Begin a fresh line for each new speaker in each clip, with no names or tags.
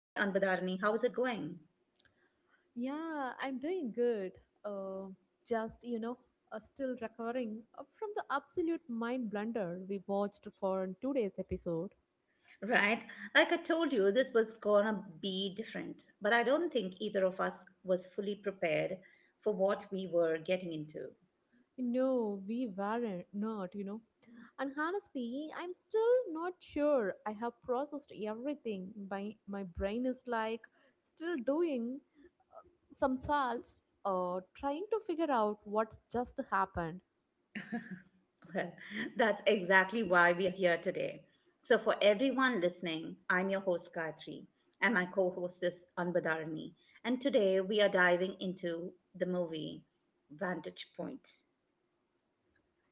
Hi Anbadarani, how is it going?
Yeah, I'm doing good. Uh, just, still recovering from the absolute mind blunder we watched for today's episode.
Right? Like I told you, this was gonna be different, but I don't think either of us was fully prepared for what we were getting into.
No, we weren't, not. And honestly, I'm still not sure I have processed everything. My brain is like still doing some salts, trying to figure out what just happened.
Well, that's exactly why we are here today. So, for everyone listening, I'm your host Gayatri, and my co host is Anbadarani. And today we are diving into the movie Vantage Point.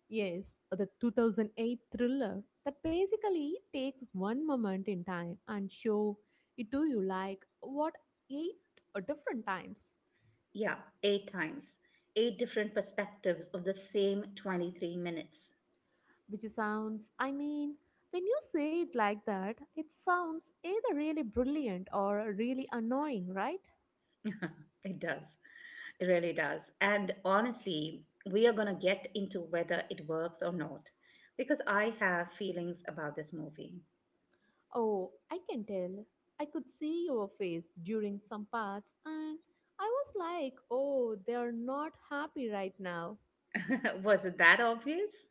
Yes, the 2008 thriller that basically takes one moment in time and show it to you like what eight different times,
Yeah, eight times. Eight different perspectives of the same 23 minutes.
which sounds, I mean, when you say it like that, it sounds either really brilliant or really annoying, right?
It does. It really does. And honestly, we are going to get into whether it works or not because I have feelings about this movie.
Oh, I can tell. I could see your face during some parts and I was like, oh, they are not happy right now.
Was it that obvious?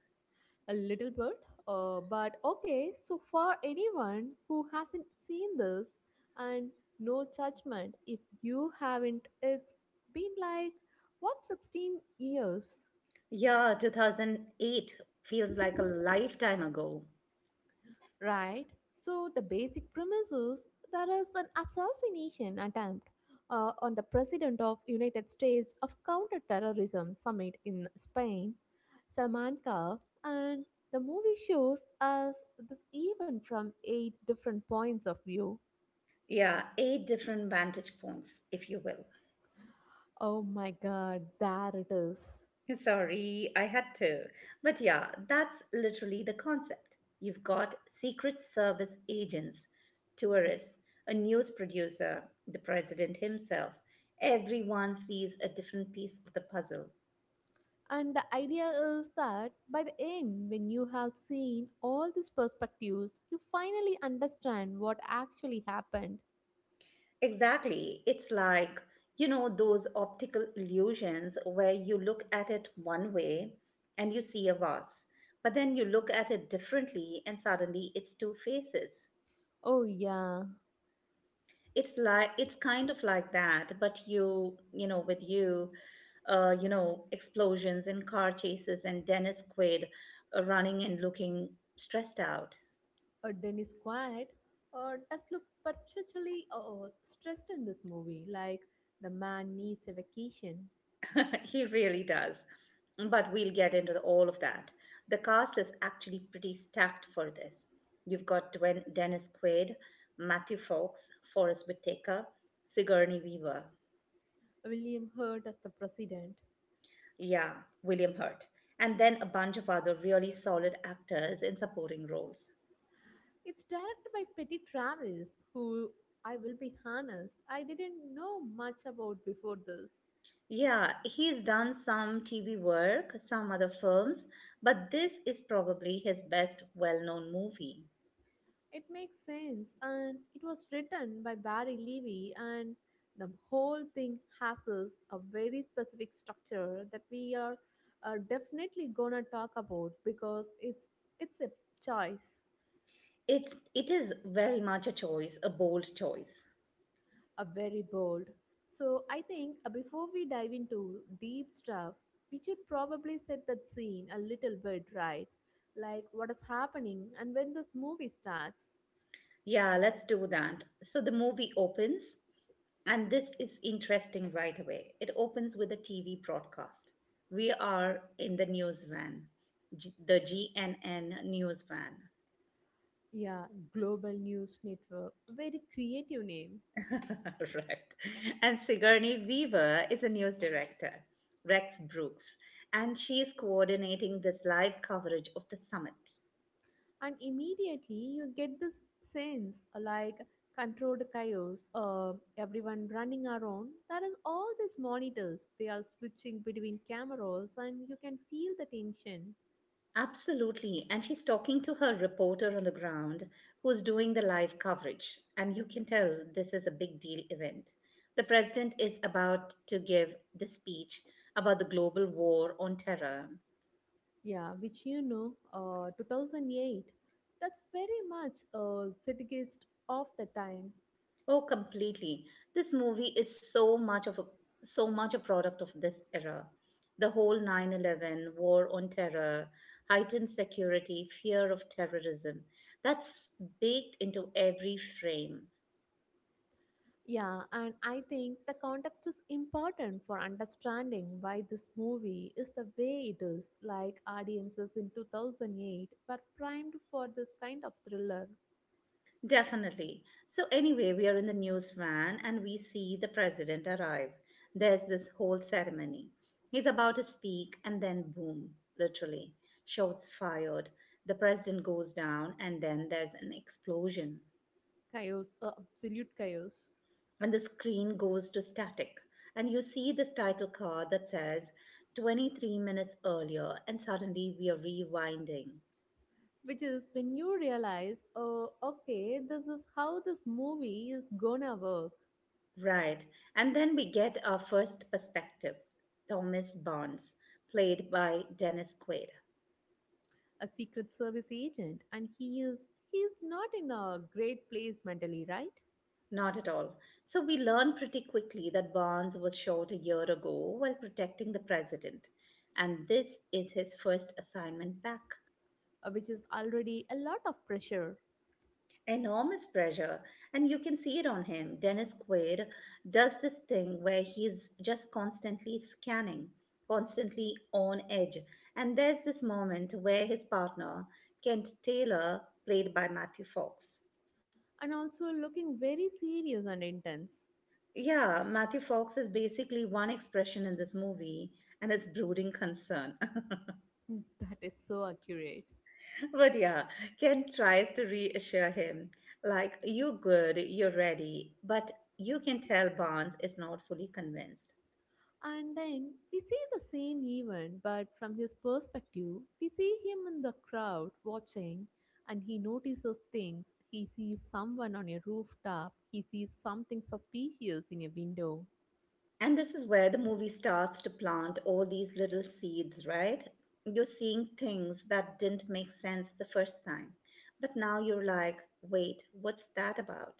A little bit, but okay. So for anyone who hasn't seen this, and no judgment if you haven't, it's been like what 16 years,
Yeah, 2008 feels like a lifetime ago.
right? So the basic premise is there is an assassination attempt on the president of United States of counterterrorism summit in Spain, Salamanca, and the movie shows us this event from eight different points of view.
Yeah, eight different vantage points, if you will.
Oh my god, there it is.
Sorry, I had to. But yeah, that's literally the concept. You've got Secret Service agents, tourists, a news producer, the president himself. Everyone sees a different piece of the puzzle.
And the idea is that by the end, when you have seen all these perspectives, you finally understand what actually happened.
Exactly. It's like, those optical illusions where you look at it one way and you see a vase, but then you look at it differently and suddenly it's two faces.
Oh yeah,
It's kind of like that, but you know, with explosions and car chases and Dennis Quaid running and looking stressed out.
Dennis Quaid does look perpetually stressed in this movie, like the man needs a vacation.
He really does. But we'll get into all of that. The cast is actually pretty stacked for this. You've got Dennis Quaid, Matthew Fox, Forrest Whitaker, Sigourney Weaver.
William Hurt as the president.
Yeah, William Hurt, and then a bunch of other really solid actors in supporting roles.
It's directed by Petty Travis, who, I will be honest, I didn't know much about before this.
Yeah, he's done some TV work, some other films, but this is probably his best well-known movie.
It makes sense, and it was written by Barry Levy, and the whole thing has this a very specific structure that we are definitely gonna talk about because it's a choice,
It's it is very much a choice, a bold choice.
a very bold. So I think before we dive into deep stuff, we should probably set that scene a little bit, right? Like what is happening and when this movie starts.
Yeah, let's do that. So the movie opens, and this is interesting right away. It opens with a TV broadcast. We are in the news van, the GNN news van.
Yeah, Global News Network, very creative name.
Right. And Sigourney Weaver is a news director, Rex Brooks, and she is coordinating this live coverage of the summit.
And immediately you get this sense, like controlled chaos, everyone running around, there is all these monitors, they are switching between cameras and you can feel the tension.
Absolutely. And she's talking to her reporter on the ground who's doing the live coverage. And you can tell this is a big deal event. The president is about to give the speech about the global war on terror.
Yeah, which, 2008, that's very much a zeitgeist of the time.
Oh, completely. This movie is so much of a, so much a product of this era. The whole 9/11 war on terror, heightened security, fear of terrorism. That's baked into every frame.
Yeah, and I think the context is important for understanding why this movie is the way it is. Like audiences in 2008 were primed for this kind of thriller,
Definitely. So anyway, we are in the news van and we see the president arrive. There's this whole ceremony. He's about to speak and then boom, literally. Shots fired. The president goes down and then there's an explosion.
chaos, absolute chaos.
And the screen goes to static, and you see this title card that says 23 minutes earlier, and suddenly we are rewinding.
Which is when you realize, oh, okay, this is how this movie is gonna work.
Right. And then we get our first perspective, Thomas Barnes, played by Dennis Quaid.
A secret service agent, and he's not in a great place mentally, right?
Not at all. So we learn pretty quickly that Barnes was shot a year ago while protecting the president, and this is his first assignment back.
Which is already a lot of pressure.
Enormous pressure. And you can see it on him. Dennis Quaid does this thing where he's just constantly scanning, constantly on edge. And there's this moment where his partner, Kent Taylor, played by Matthew Fox.
And also looking very serious and intense.
Yeah, Matthew Fox is basically one expression in this movie, and it's brooding concern.
That is so accurate.
But yeah, Kent tries to reassure him, like, you're good, you're ready, but you can tell Barnes is not fully convinced.
And then we see the same event, but from his perspective, we see him in the crowd watching, and he notices things. He sees someone on a rooftop, he sees something suspicious in a window.
And this is where the movie starts to plant all these little seeds, right? You're seeing things that didn't make sense the first time. But now you're like, wait, what's that about?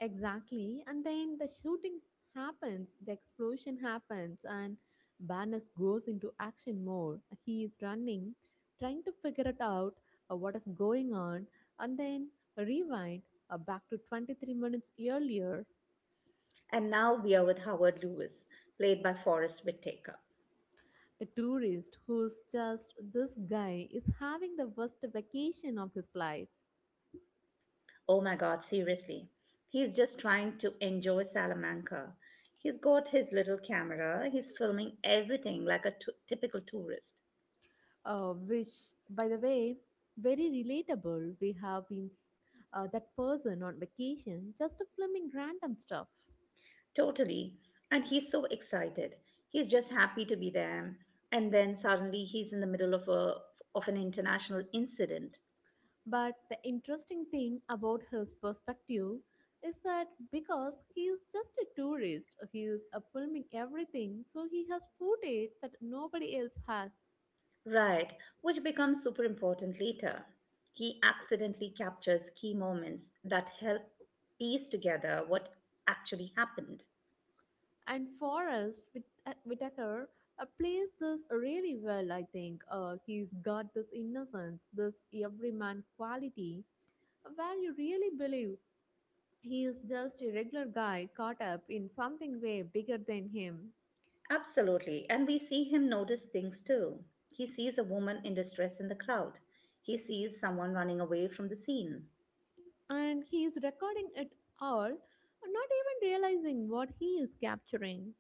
Exactly. And then the shooting happens, the explosion happens, and Barnes goes into action mode. He is running, trying to figure it out what is going on, and then rewind, back to 23 minutes earlier.
And now we are with Howard Lewis, played by Forrest Whitaker.
The tourist, who's just this guy, is having the worst vacation of his life.
Oh my God, seriously. He's just trying to enjoy Salamanca. He's got his little camera, he's filming everything like a typical tourist.
Which, by the way, very relatable. We have been that person on vacation just filming random stuff.
Totally. And he's so excited. He's just happy to be there. And then suddenly he's in the middle of a of an international incident,
But the interesting thing about his perspective is that because he is just a tourist, he is filming everything, so he has footage that nobody else has.
right, which becomes super important later. He accidentally captures key moments that help piece together what actually happened.
And Forrest Whitaker plays this really well, I think. He's got this innocence, this everyman quality, where you really believe he is just a regular guy caught up in something way bigger than him.
Absolutely. And we see him notice things too. He sees a woman in distress in the crowd. He sees someone running away from the scene.
And he is recording it all, not even realizing what he is capturing.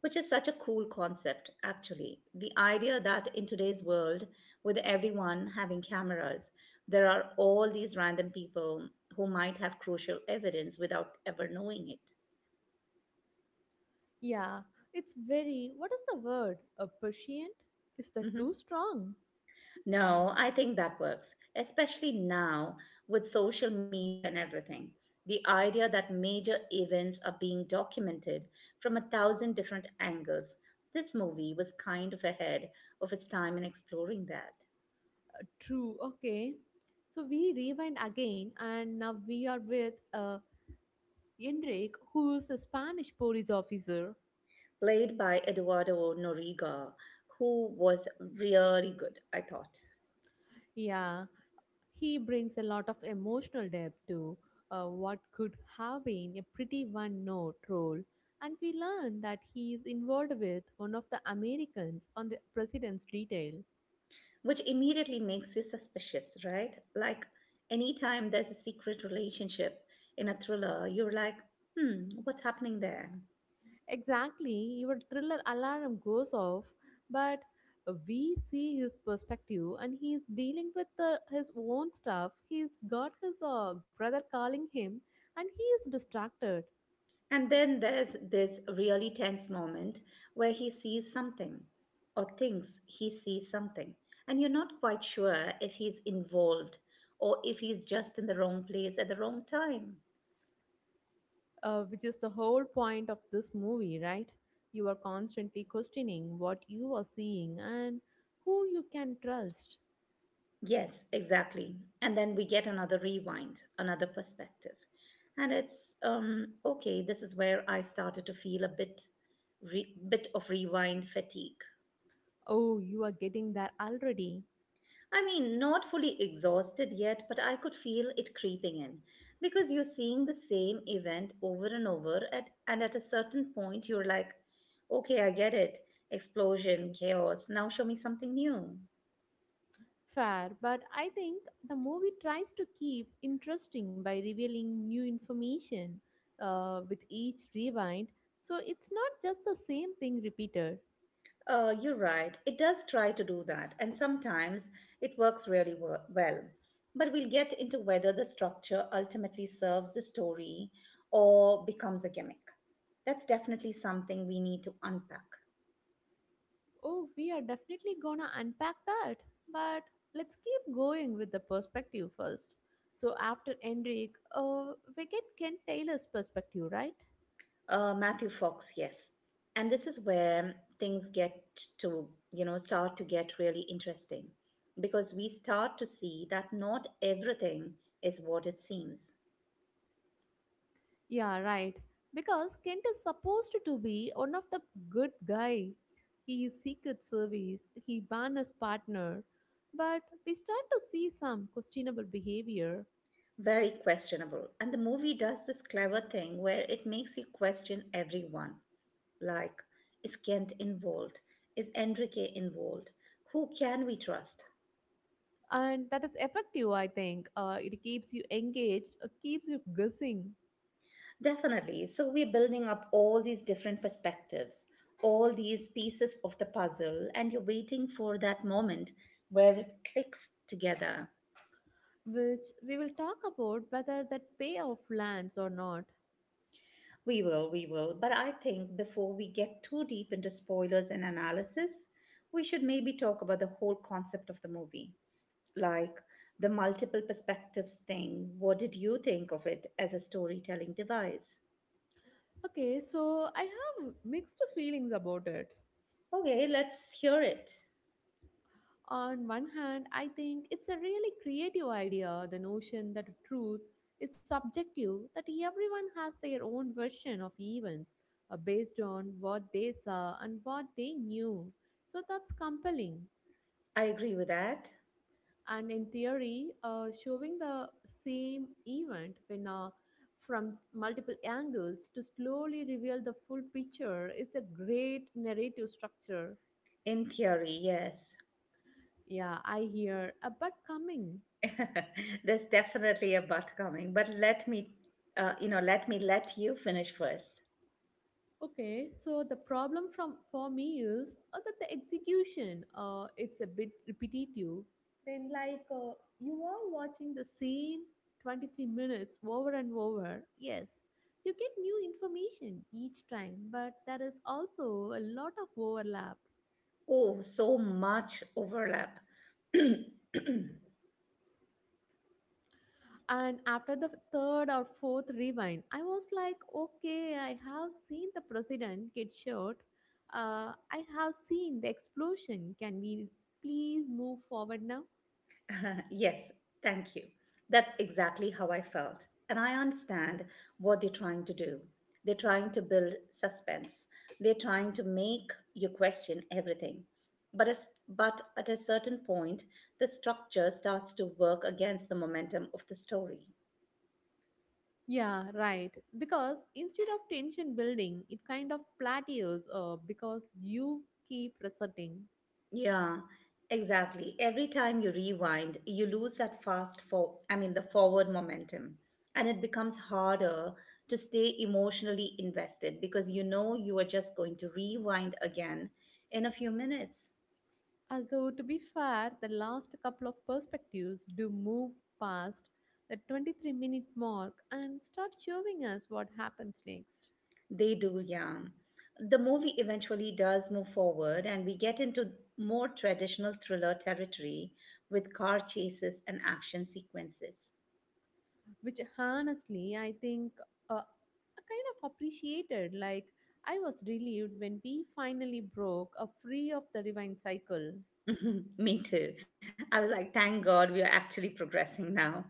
Which is such a cool concept, actually. The idea that in today's world, with everyone having cameras, there are all these random people who might have crucial evidence without ever knowing it.
Yeah, it's very, what is the word? A patient? Is that too
Mhm.
strong?
No, I think that works, especially now with social media and everything. The idea that major events are being documented from a thousand different angles. This movie was kind of ahead of its time in exploring that.
True, okay. So we rewind again, and now we are with Enrique, who is a Spanish police officer.
Played by Eduardo Noriga, who was really good, I thought.
Yeah, he brings a lot of emotional depth to what could have been a pretty one note role. And we learn that he is involved with one of the Americans on the president's detail.
Which immediately makes you suspicious, right? Like, anytime there's a secret relationship in a thriller, you're like, hmm, what's happening there?
Exactly, your thriller alarm goes off, but we see his perspective and he is dealing with his own stuff. He's got his brother calling him and he is distracted.
And then there's this really tense moment where he sees something, or thinks he sees something. And you're not quite sure if he's involved or if he's just in the wrong place at the wrong time.
Which is the whole point of this movie, right? You are constantly questioning what you are seeing and who you can trust.
Yes, exactly. And then we get another rewind, another perspective. And it's okay, this is where I started to feel a bit of rewind fatigue.
Oh, you are getting that already.
I mean, not fully exhausted yet, but I could feel it creeping in because you're seeing the same event over and over, and at a certain point you're like, okay, I get it. Explosion, chaos. Now show me something new.
Fair, but I think the movie tries to keep interesting by revealing new information with each rewind. So it's not just the same thing repeated.
You're right. It does try to do that, and sometimes it works really well. But we'll get into whether the structure ultimately serves the story or becomes a gimmick. That's definitely something we need to unpack.
Oh, we are definitely gonna unpack that. But let's keep going with the perspective first. So after Enric, we get Kent Taylor's perspective, right?
Matthew Fox, yes. And this is where things get to, you know, start to get really interesting because we start to see that not everything is what it seems.
Yeah, right. Because Kent is supposed to be one of the good guy. He is secret service. He banned his partner, but we start to see some questionable behavior,
Very questionable. And the movie does this clever thing where it makes you question everyone. Like, is Kent involved? Is Enrique involved? Who can we trust?
and that is effective. I think it keeps you engaged, keeps you guessing,
Definitely. So we're building up all these different perspectives, all these pieces of the puzzle, and you're waiting for that moment where it clicks together.
which we will talk about whether that payoff lands or not.
We will, we will. But I think before we get too deep into spoilers and analysis, we should maybe talk about the whole concept of the movie. Like, the multiple perspectives thing. What did you think of it as a storytelling device?
Okay, so I have mixed feelings about it.
Okay, let's hear it.
On one hand, I think it's a really creative idea, the notion that truth is subjective, that everyone has their own version of events based on what they saw and what they knew. So that's compelling.
I agree with that.
And in theory, showing the same event when from multiple angles to slowly reveal the full picture is a great narrative structure.
In theory, yes.
Yeah, I hear a but coming.
There's definitely a but coming, but let me, let me let you finish first.
Okay, so the problem from for me is that the execution, it's a bit repetitive. Then like, you are watching the same 23 minutes over and over. Yes, you get new information each time, but there is also a lot of overlap.
Oh, so much overlap.
And after the third or fourth rewind, I was like, okay, I have seen the president get shot. I have seen the explosion. Can we please move forward now?
Yes, thank you. That's exactly how I felt. And I understand what they're trying to do. They're trying to build suspense. They're trying to make you question everything. But, but at a certain point, the structure starts to work against the momentum of the story.
Yeah, right. Because instead of tension building, it kind of plateaus, because you keep resetting.
Yeah, exactly. Every time you rewind, you lose that fast for I mean the forward momentum. And it becomes harder to stay emotionally invested because you know you are just going to rewind again in a few minutes.
Although, to be fair, the last couple of perspectives do move past the 23-minute mark and start showing us what happens next,
They do, yeah. The movie eventually does move forward, and we get into more traditional thriller territory with car chases and action sequences.
which honestly, I think, I kind of appreciated. Like, I was relieved when we finally broke a free of the divine cycle.
Me too. I was like, thank God we are actually progressing now.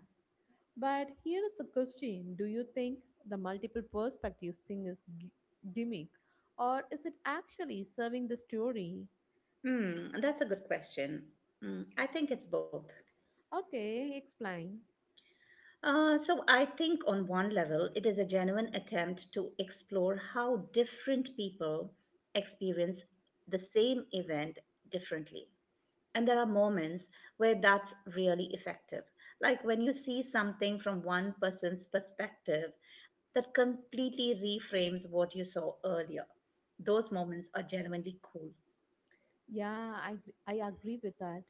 But here is a question. Do you think the multiple perspectives thing is gimmick, or is it actually serving the story?
Hmm, that's a good question. Mm, I think it's both.
Okay, explain.
I think on one level, it is a genuine attempt to explore how different people experience the same event differently. And there are moments where that's really effective. Like when you see something from one person's perspective that completely reframes what you saw earlier, those moments are genuinely cool.
Yeah, I agree with that.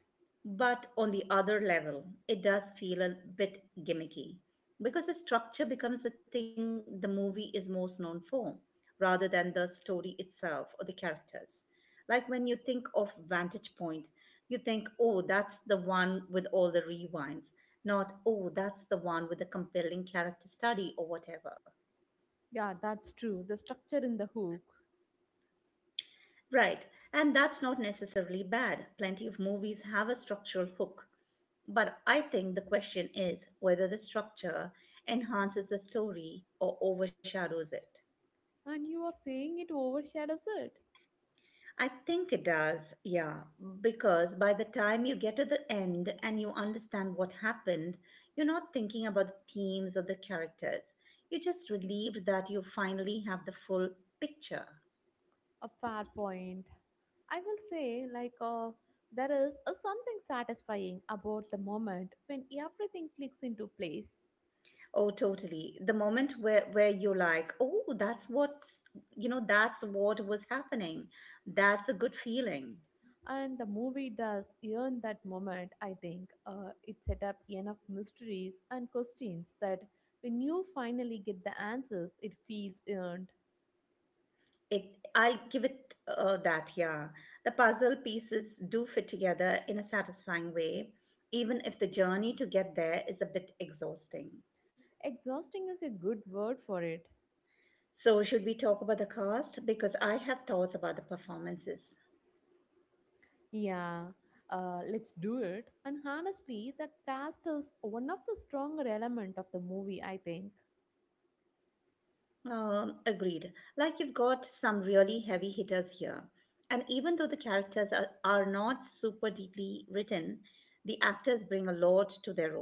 But on the other level, it does feel a bit gimmicky because the structure becomes the thing the movie is most known for rather than the story itself or the characters. Like when you think of Vantage Point, you think, oh, that's the one with all the rewinds, not, oh, that's the one with the compelling character study or whatever.
Yeah, that's true. The structure in the hook.
Right, and that's not necessarily bad. Plenty of movies have a structural hook. But I think the question is whether the structure enhances the story or overshadows it.
And you are saying it overshadows it?
I think it does, yeah, because by the time you get to the end and you understand what happened, you're not thinking about the themes or the characters. You're just relieved that you finally have the full picture.
A fair point. I will say, like, there is a something satisfying about the moment when everything clicks into place.
Oh, totally. The moment where you're like, "Oh, that's that's what was happening." That's a good feeling.
And the movie does earn that moment, I think. It set up enough mysteries and questions that when you finally get the answers, it feels earned.
It I'll give it that, yeah. The puzzle pieces do fit together in a satisfying way, even if the journey to get there is a bit exhausting.
Exhausting is a good word for it.
So, should we talk about the cast, because I have thoughts about the performances.
Yeah, let's do it. And honestly, the cast is one of the stronger element of the movie, I think.
Agreed. Like you've got some really heavy hitters here. And even though the characters are not super deeply written, the actors bring a lot to their roles.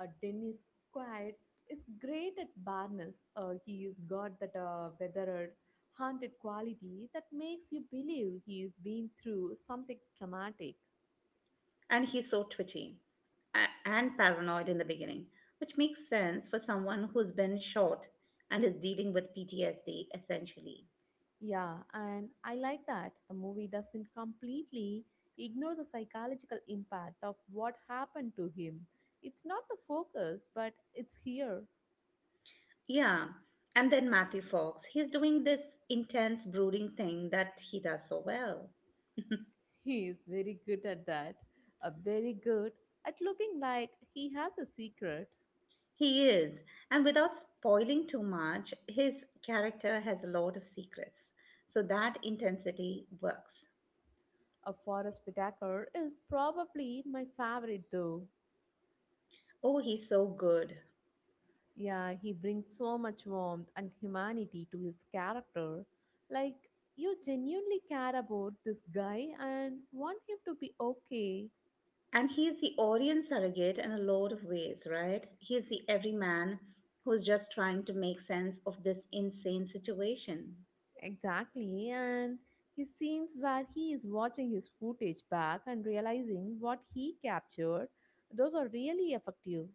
Dennis Quaid is great at Barnes. He's got that, weathered, haunted quality that makes you believe he's been through something traumatic.
And he's so twitchy and paranoid in the beginning, which makes sense for someone who's been shot and is dealing with PTSD essentially.
Yeah, and I like that. The movie doesn't completely ignore the psychological impact of what happened to him. It's not the focus, but it's here.
Yeah. And then Matthew Fox, he's doing this intense brooding thing that he does so well.
He is very good at that. Very good at looking like he has a secret.
He is. And without spoiling too much, his character has a lot of secrets. So that intensity works.
A Forest Whitaker is probably my favorite though.
Oh, he's so good.
Yeah, he brings so much warmth and humanity to his character. Like, you genuinely care about this guy and want him to be okay.
And he's the audience surrogate in a lot of ways, right? He's the everyman who's just trying to make sense of this insane situation.
Exactly, and his scenes where he is watching his footage back and realizing what he captured, those are really effective.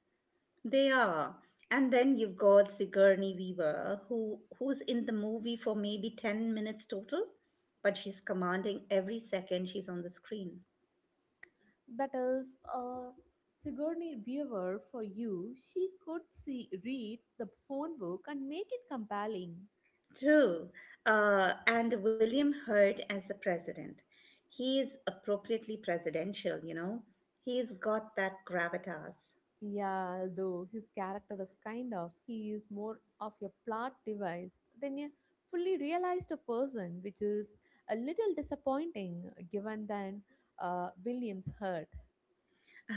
They are. And then you've got Sigourney Weaver, who's in the movie for maybe 10 minutes total, but she's commanding every second she's on the screen.
That is, Sigourney Weaver for you. She could see read the phone book and make it compelling.
True. And William Hurt as the president. He is appropriately presidential, you know. He's got that gravitas.
Yeah, though his character is kind of he is more of a plot device than a fully realized a person, which is a little disappointing given than, Williams hurt.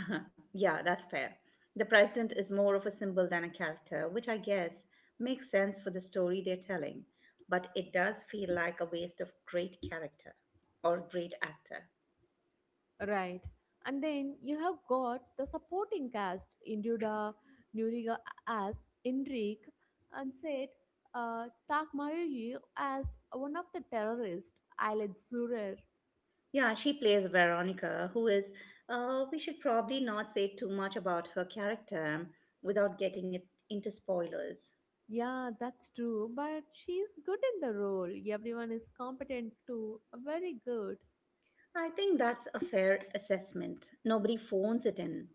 Uh-huh. Yeah, that's fair. The president is more of a symbol than a character, which I guess makes sense for the story they're telling. But it does feel like a waste of great character or great actor.
Right. And then you have got the supporting cast, Induda, Nuriga as Indrik, and said, Tak Mayuyu as one of the terrorists, Ailed Surer.
Yeah, she plays Veronica, who is, we should probably not say too much about her character without getting it into spoilers.
Yeah, that's true, but she's good in the role. Everyone is competent too. Very good.
I think that's a fair assessment. Nobody phones it in,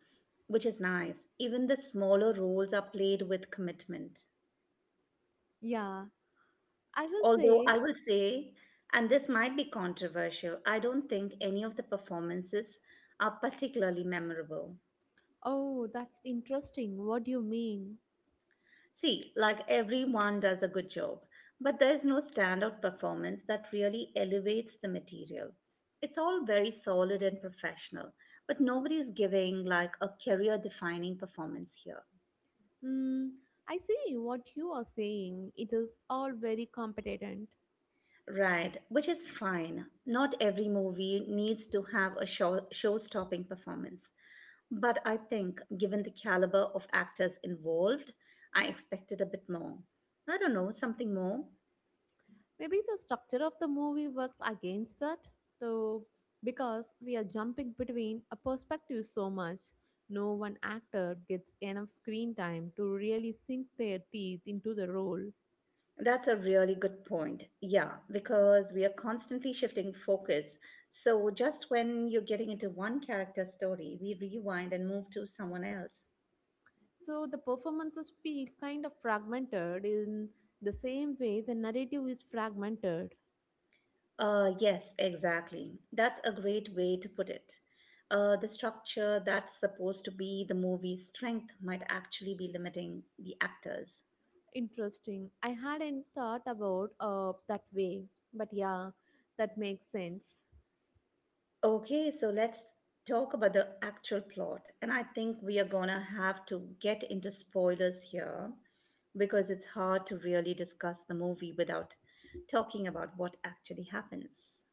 which is nice. Even the smaller roles are played with commitment.
Yeah, I will
Although
say,
I will say, and this might be controversial, I don't think any of the performances are particularly memorable.
oh, that's interesting. What do you mean?
See, like everyone does a good job, but there's no standout performance that really elevates the material. It's all very solid and professional, but nobody's giving like a career defining performance here.
Hmm, I see what you are saying. It is all very competent.
Right, which is fine. Not every movie needs to have a show stopping performance. But I think, given the caliber of actors involved, I expected a bit more. I don't know, something more.
Maybe the structure of the movie works against that, though, because we are jumping between a perspective so much, no one actor gets enough screen time to really sink their teeth into the role.
That's a really good point. Yeah, because we are constantly shifting focus. So just when you're getting into one character story, we rewind and move to someone else.
So the performances feel kind of fragmented in the same way the narrative is fragmented.
Yes, exactly. That's a great way to put it. The structure that's supposed to be the movie's strength might actually be limiting the actors.
Interesting. I hadn't thought about that way, but yeah, that makes sense.
Okay, so let's talk about the actual plot. And I think we are gonna have to get into spoilers here because it's hard to really discuss the movie without talking about what actually happens.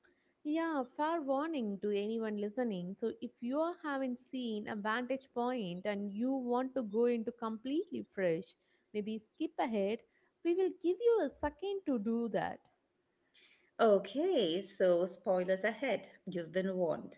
Yeah, fair warning to anyone listening. So, if you are- haven't seen a vantage point and you want to go into completely fresh, maybe skip ahead, we will give you a second to do that.
Okay, so spoilers ahead. You've been warned.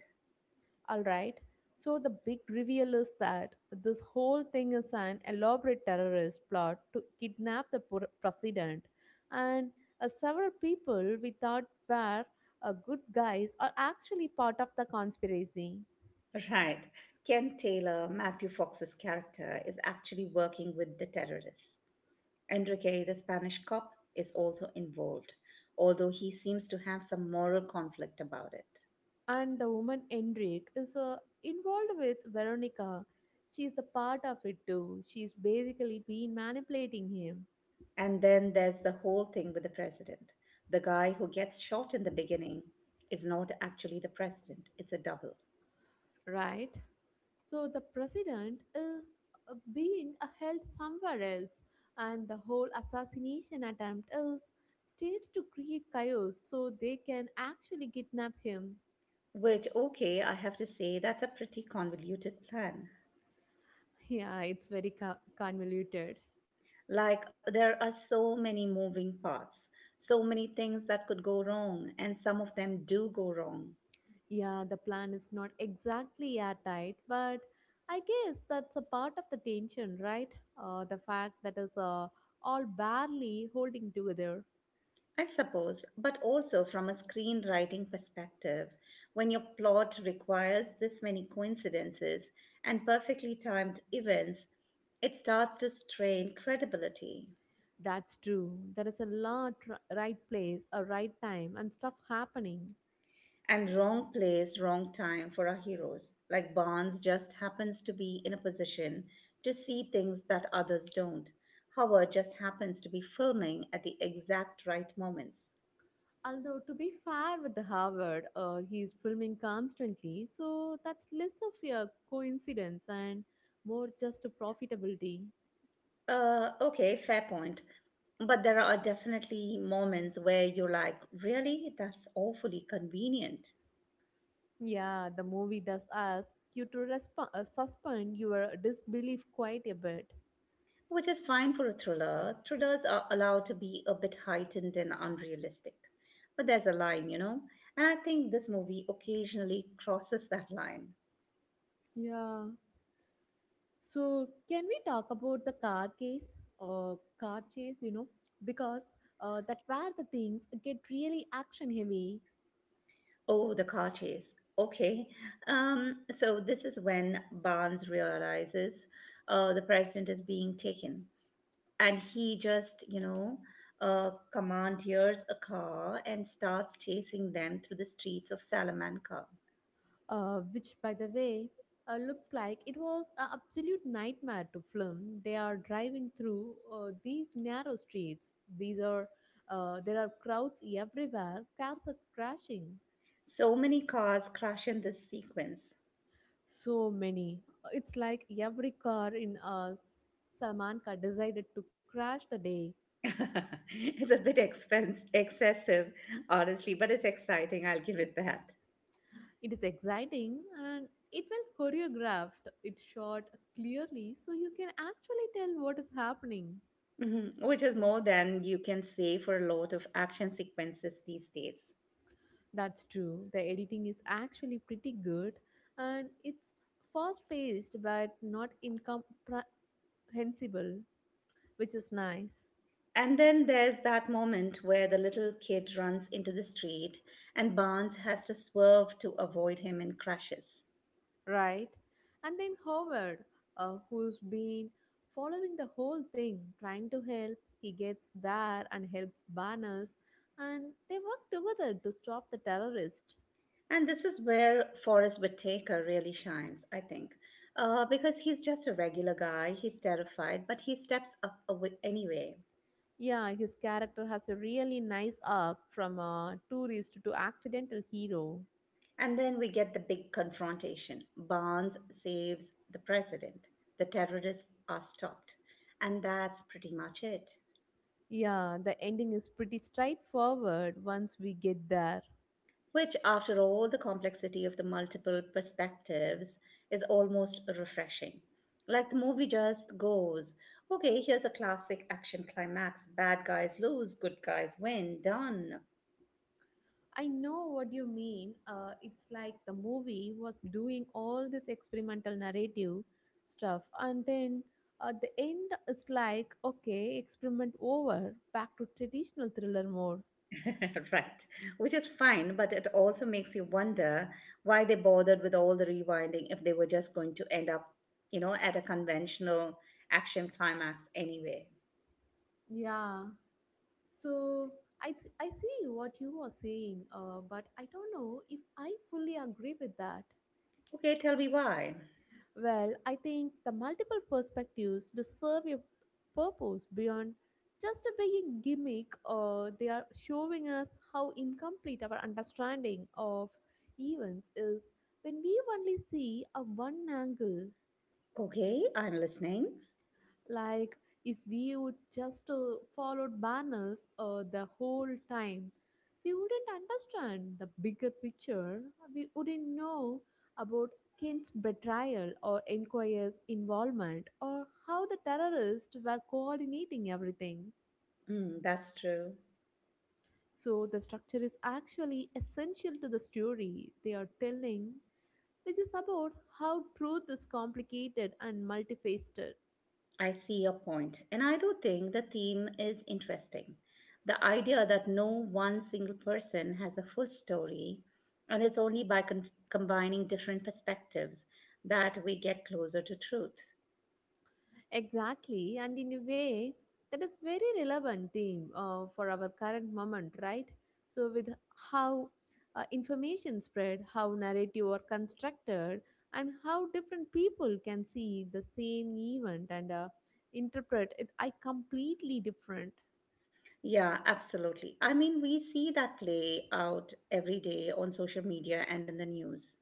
All right. So, the big reveal is that this whole thing is an elaborate terrorist plot to kidnap the president, and several people we thought were good guys are actually part of the conspiracy.
Right. Ken Taylor, Matthew Fox's character, is actually working with the terrorists. Enrique, the Spanish cop, is also involved, although he seems to have some moral conflict about it.
And the woman Enrique is involved with Veronica. She's a part of it too. She's basically been manipulating him,
And then there's the whole thing with the president. The guy who gets shot in the beginning is not actually the president, it's a double.
right? So the president is being held somewhere else, and the whole assassination attempt is staged to create chaos so they can actually kidnap him.
Which, okay, I have to say, that's a pretty convoluted plan.
Yeah, it's very convoluted.
Like, there are so many moving parts, so many things that could go wrong, and some of them do go wrong,
Yeah, the plan is not exactly airtight, but I guess that's a part of the tension, right? The fact that is all barely holding together.
I suppose. But also, from a screenwriting perspective, when your plot requires this many coincidences and perfectly timed events, it starts to strain credibility.
That's true. There is a lot right place, a right time, and stuff happening.
And wrong place, wrong time for our heroes. Like Barnes just happens to be in a position to see things that others don't. Howard just happens to be filming at the exact right moments.
Although to be fair with the Harvard, he's filming constantly, so that's less of a coincidence and more just a profitability.
Okay, fair point. But there are definitely moments where you're like, really? That's awfully convenient.
Yeah, the movie does ask you to suspend your disbelief quite a bit.
Which is fine for a thriller. Thrillers are allowed to be a bit heightened and unrealistic. But there's a line, you know? And I think this movie occasionally crosses that line.
Yeah. So, can we talk about the car case or car chase, Because that where the things get really action heavy,
Oh, the car chase. Okay. So this is when Barnes realizes the president is being taken. And he just, you know, commandeers a car and starts chasing them through the streets of Salamanca.
which, by the way, looks like it was an absolute nightmare to film. They are driving through these narrow streets. These are there are crowds everywhere. Cars are crashing.
So many cars crash in this sequence.
So many. It's like every car in us, Samanka decided to crash the day.
It's a bit expense excessive honestly, but it's exciting, I'll give it that.
It is exciting and it well choreographed. It's shot clearly so you can actually tell what is happening.
Mhm. Which is more than you can say for a lot of action sequences these days.
That's true. The editing is actually pretty good and it's fast paced but not incomprehensible, which is nice.
And then there's that moment where the little kid runs into the street and Barnes has to swerve to avoid him and crashes.
Right. And then Howard, who's been following the whole thing, trying to help, he gets there and helps Banners, and they work together to stop the terrorist.
And this is where Forrest Whitaker really shines, I think. Because he's just a regular guy, he's terrified, but he steps up anyway.
Yeah, his character has a really nice arc from a tourist to accidental hero.
And then we get the big confrontation. Barnes saves the president. The terrorists are stopped. And that's pretty much it.
Yeah, the ending is pretty straightforward once we get there.
Which, after all the complexity of the multiple perspectives, is almost refreshing. Like the movie just goes, okay, here's a classic action climax, bad guys lose, good guys win, done.
I know what you mean. It's like the movie was doing all this experimental narrative stuff, and then at the end, it's like, okay, experiment over, back to traditional thriller mode.
Right, which is fine, but it also makes you wonder why they bothered with all the rewinding if they were just going to end up, you know, at a conventional action climax anyway.
Yeah. So I see what you are saying, but I don't know if I fully agree with that.
Okay, tell me why.
Well, I think the multiple perspectives to serve a purpose beyond just being a gimmick, or they are showing us how incomplete our understanding of events is when we only see a one angle.
Okay, I'm listening.
Like if we would just followed banners the whole time, we wouldn't understand the bigger picture. We wouldn't know about King's betrayal or Enquire's involvement or how the terrorists were coordinating everything.
Mm, that's true.
So the structure is actually essential to the story they are telling, which is about how truth is complicated and multifaceted.
I see your point, and I do think the theme is interesting. The idea that no one single person has a full story, and it's only by combining different perspectives that we get closer to truth.
Exactly, and in a way that is very relevant theme for our current moment, right? So, with how information spread, how narrative are constructed, and how different people can see the same event and interpret it, I completely different.
Yeah, absolutely. I mean, we see that play out every day on social media and in the news.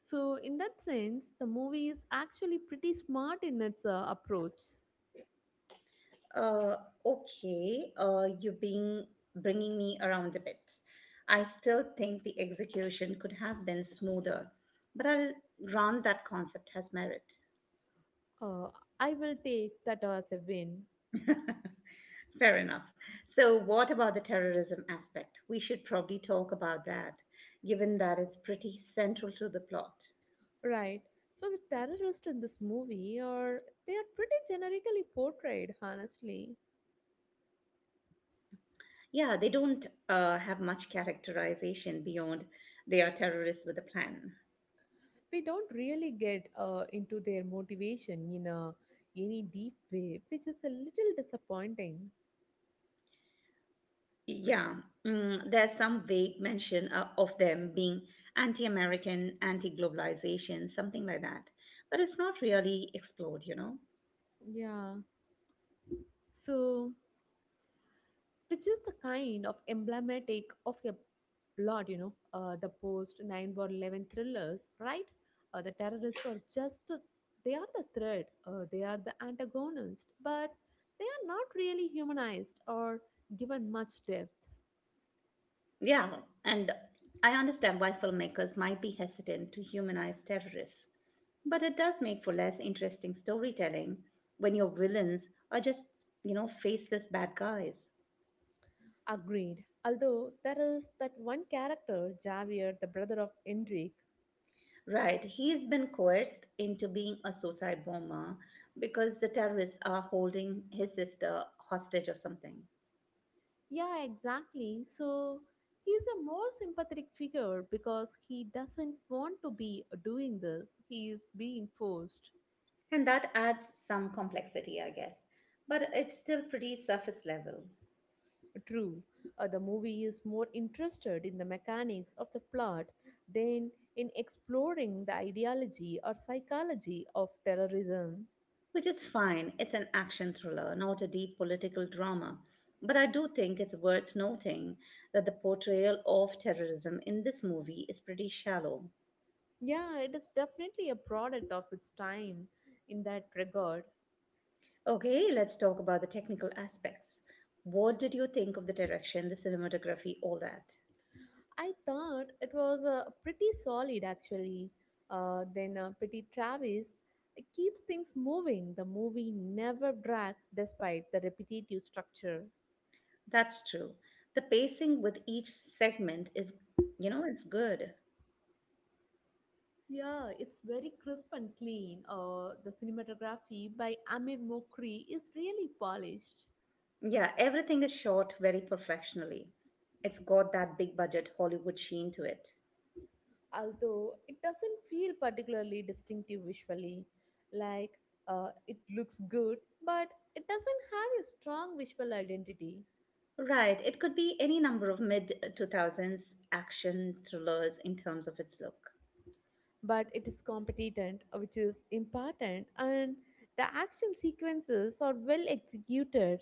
So, in that sense, the movie is actually pretty smart in its approach.
Uh, okay, you being bringing me around a bit. I still think the execution could have been smoother, but I'll grant that concept has merit.
Uh, I will take that as a win.
Fair enough. So, what about the terrorism aspect? We should probably talk about that, given that it's pretty central to the plot.
Right. So the terrorists in this movie are they are pretty generically portrayed, honestly.
Yeah, they don't have much characterization beyond they are terrorists with a plan.
We don't really get into their motivation in a any deep way, which is a little disappointing.
Yeah, mm, there's some vague mention of them being anti American, anti globalization, something like that. But it's not really explored, you know?
Yeah. So which is the kind of emblematic of a lot, you know, the post 9/11 thrillers, right? The terrorists are just, they are the threat, they are the antagonist, but they are not really humanized or given much depth.
Yeah, and I understand why filmmakers might be hesitant to humanize terrorists. But it does make for less interesting storytelling when your villains are just, you know, faceless bad guys.
Agreed. Although there is that one character, Javier, the brother of Enrique.
Right, he's been coerced into being a suicide bomber because the terrorists are holding his sister hostage or something.
Yeah, exactly. So he's a more sympathetic figure because he doesn't want to be doing this. He is being forced.
And that adds some complexity, I guess. But it's still pretty surface level,
True. The movie is more interested in the mechanics of the plot than in exploring the ideology or psychology of terrorism.
which is fine. It's an action thriller, not a deep political drama. But I do think it's worth noting that the portrayal of terrorism in this movie is pretty shallow.
Yeah, it is definitely a product of its time in that regard.
Okay, let's talk about the technical aspects. What did you think of the direction, the cinematography, all that?
I thought it was pretty solid actually. Then Pretty Travis keeps things moving. The movie never drags despite the repetitive structure.
That's true. The pacing with each segment is, you know, it's good.
Yeah, it's very crisp and clean. The cinematography by Amir Mokri is really polished,
Yeah, everything is shot very professionally. It's got that big budget Hollywood sheen to it.
although it doesn't feel particularly distinctive visually. Like it looks good, but it doesn't have a strong visual identity.
Right, it could be any number of mid 2000s action thrillers in terms of its look.
But it is competent, which is important, and the action sequences are well executed.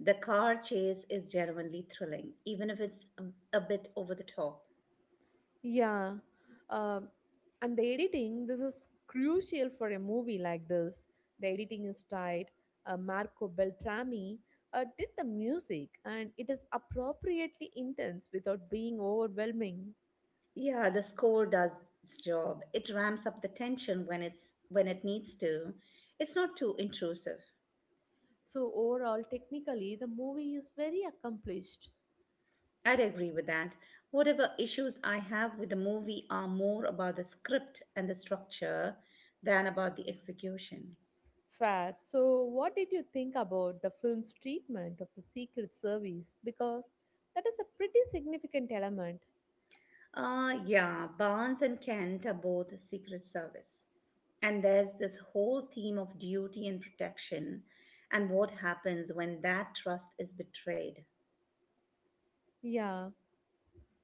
The car chase is genuinely thrilling, even if it's a bit over the top.
Yeah. Um and the editing this is crucial for a movie like this. The editing is tight. Marco Beltrami did the music, and it is appropriately intense without being overwhelming.
Yeah, the score does its job. It ramps up the tension when it needs to. It's not too intrusive.
So overall, technically, the movie is very accomplished.
I'd agree with that. Whatever issues I have with the movie are more about the script and the structure than about the execution.
Fair. So, what did you think about the film's treatment of the Secret Service? Because that is a pretty significant element.
Yeah, Barnes and Kent are both Secret Service. And there's this whole theme of duty and protection and what happens when that trust is betrayed.
Yeah,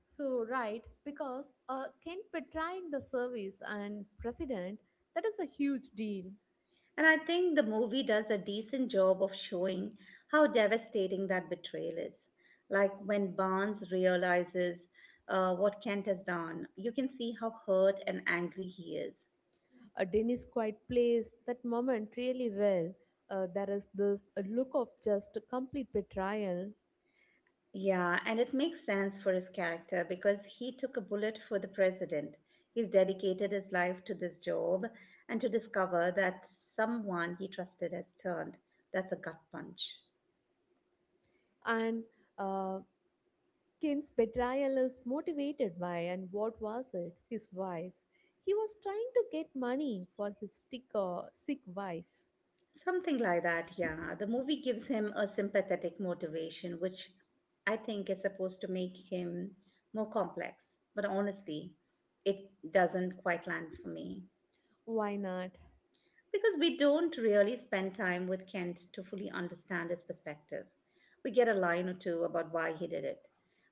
so right, because Ken betraying the service and president, that is a huge deal.
And I think the movie does a decent job of showing how devastating that betrayal is. Like when Barnes realizes what Kent has done, you can see how hurt and angry he is.
Dennis quite plays that moment really well. There is this look of just complete betrayal,
Yeah, and it makes sense for his character because he took a bullet for the president. He's dedicated his life to this job, and to discover that someone he trusted has turned, that's a gut punch.
and uh, Kin's betrayal is motivated by, and what was it? His wife. He was trying to get money for his sick, sick wife.
Something like that, yeah. The movie gives him a sympathetic motivation, which I think is supposed to make him more complex. But honestly, it doesn't quite land for me.
Why not?
Because we don't really spend time with Kent to fully understand his perspective. We get a line or two about why he did it,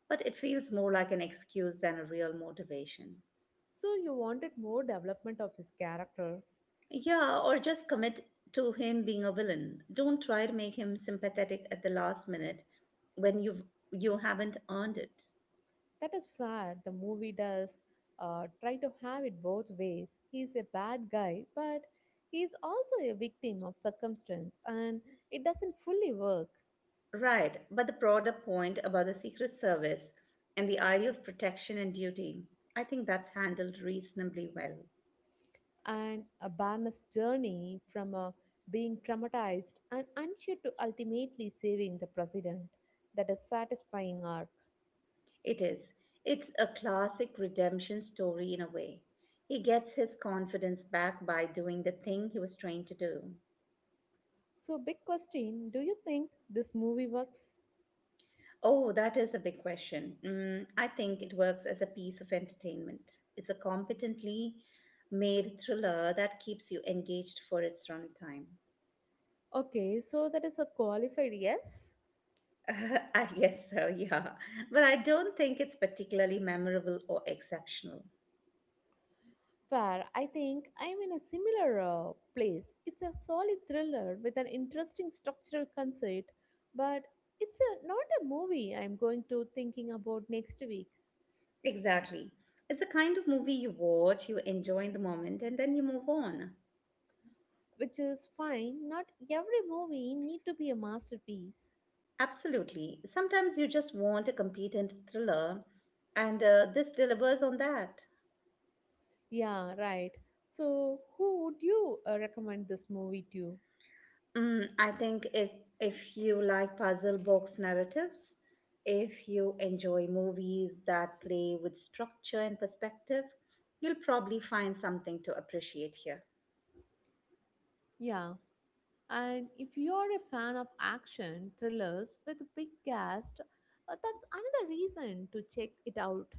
but it feels more like an excuse than a real motivation.
So, you wanted more development of his character.
Yeah, or just commit to him being a villain. Don't try to make him sympathetic at the last minute when you haven't earned it.
That is fair. The movie does try to have it both ways. He's a bad guy, but he is also a victim of circumstance, and it doesn't fully work.
Right, but the broader point about the Secret Service and the idea of protection and duty, I think that's handled reasonably well.
And a Barnes journey from being traumatized and unsure to ultimately saving the president, that is satisfying arc.
It is. It's a classic redemption story in a way. He gets his confidence back by doing the thing he was trained to do.
So big question, do you think this movie works?
Oh, that is a big question. Mm, I think it works as a piece of entertainment. It's a competently made thriller that keeps you engaged for its runtime.
Okay, so that is a qualified yes.
I guess so, yeah. But I don't think it's particularly memorable or exceptional.
Fair, I think I'm in a similar place. It's a solid thriller with an interesting structural concept, but it's a, not a movie I'm going to thinking about next week.
Exactly. It's a kind of movie you watch, you enjoy in the moment, and then you move on.
Which is fine. Not every movie need to be a masterpiece.
Absolutely. Sometimes you just want a competent thriller, and this delivers on that.
Yeah, right. So who would you recommend this movie to?
I think if you like puzzle box narratives, if you enjoy movies that play with structure and perspective, you'll probably find something to appreciate here.
Yeah, and if you are a fan of action thrillers with a big cast, that's another reason to check it out.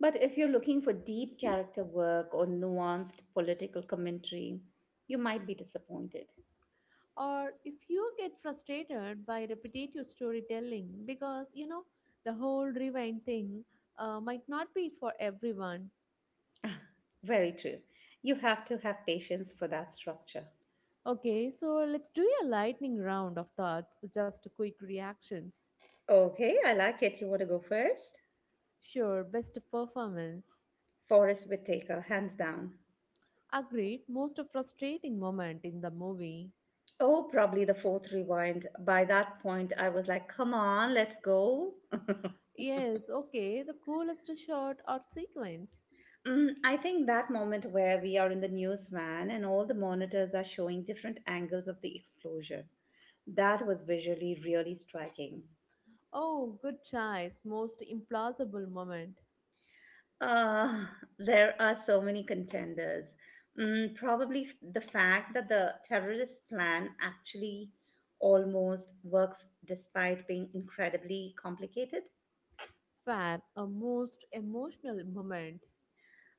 But if you're looking for deep character work or nuanced political commentary, you might be disappointed.
Or if you get frustrated by repetitive storytelling because you know the whole rewind thing might not be for everyone.
Very true. You have to have patience for that structure.
Okay, so let's do a lightning round of thoughts, just quick reactions.
Okay, I like it. You want to go first?
Sure, best performance.
Forrest Whitaker, hands down.
Agreed, most frustrating moment in the movie.
Oh, probably the fourth rewind. By that point, I was like, come on, let's go.
Yes, okay, the coolest shot or sequence.
I think that moment where we are in the news van and all the monitors are showing different angles of the explosion, that was visually really striking.
Oh, good choice, most implausible moment.
Uh, there are so many contenders. Probably the fact that the terrorist plan actually almost works despite being incredibly complicated.
Fair, a most emotional moment.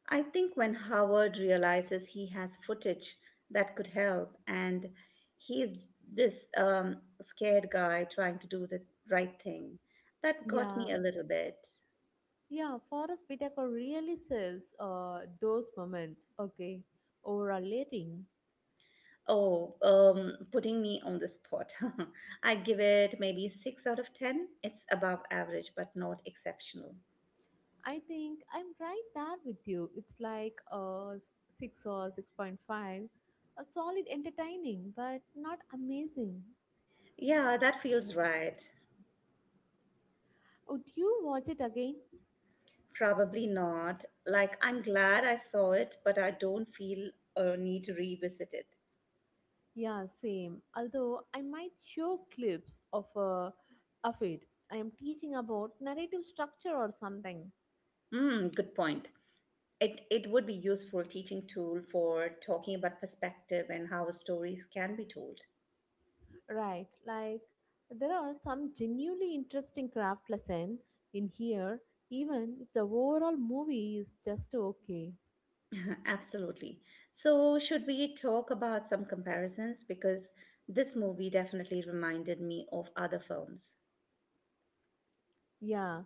I think when Howard realizes he has footage that could help, and he's this scared guy trying to do the right thing, that got me
Yeah,
a little bit.
yeah, Forrest Whitaker really sells those moments. Okay, overall rating.
Oh, putting me on the spot. I give it maybe six out of ten. It's above average, but not exceptional.
I think I'm right there with you. It's like a 6 or 6.5. A solid entertaining, but not amazing.
Yeah, that feels right.
Would you watch it again?
Probably not. Like, I'm glad I saw it, but I don't feel a need to revisit it.
Yeah, same. Although I might show clips of it. I am teaching about narrative structure or something.
Hmm, good point. It would be useful teaching tool for talking about perspective and how stories can be told.
Right, like there are some genuinely interesting craft lesson in here, even if the overall movie is just okay.
Absolutely. So should we talk about some comparisons because this movie definitely reminded me of other films.
Yeah,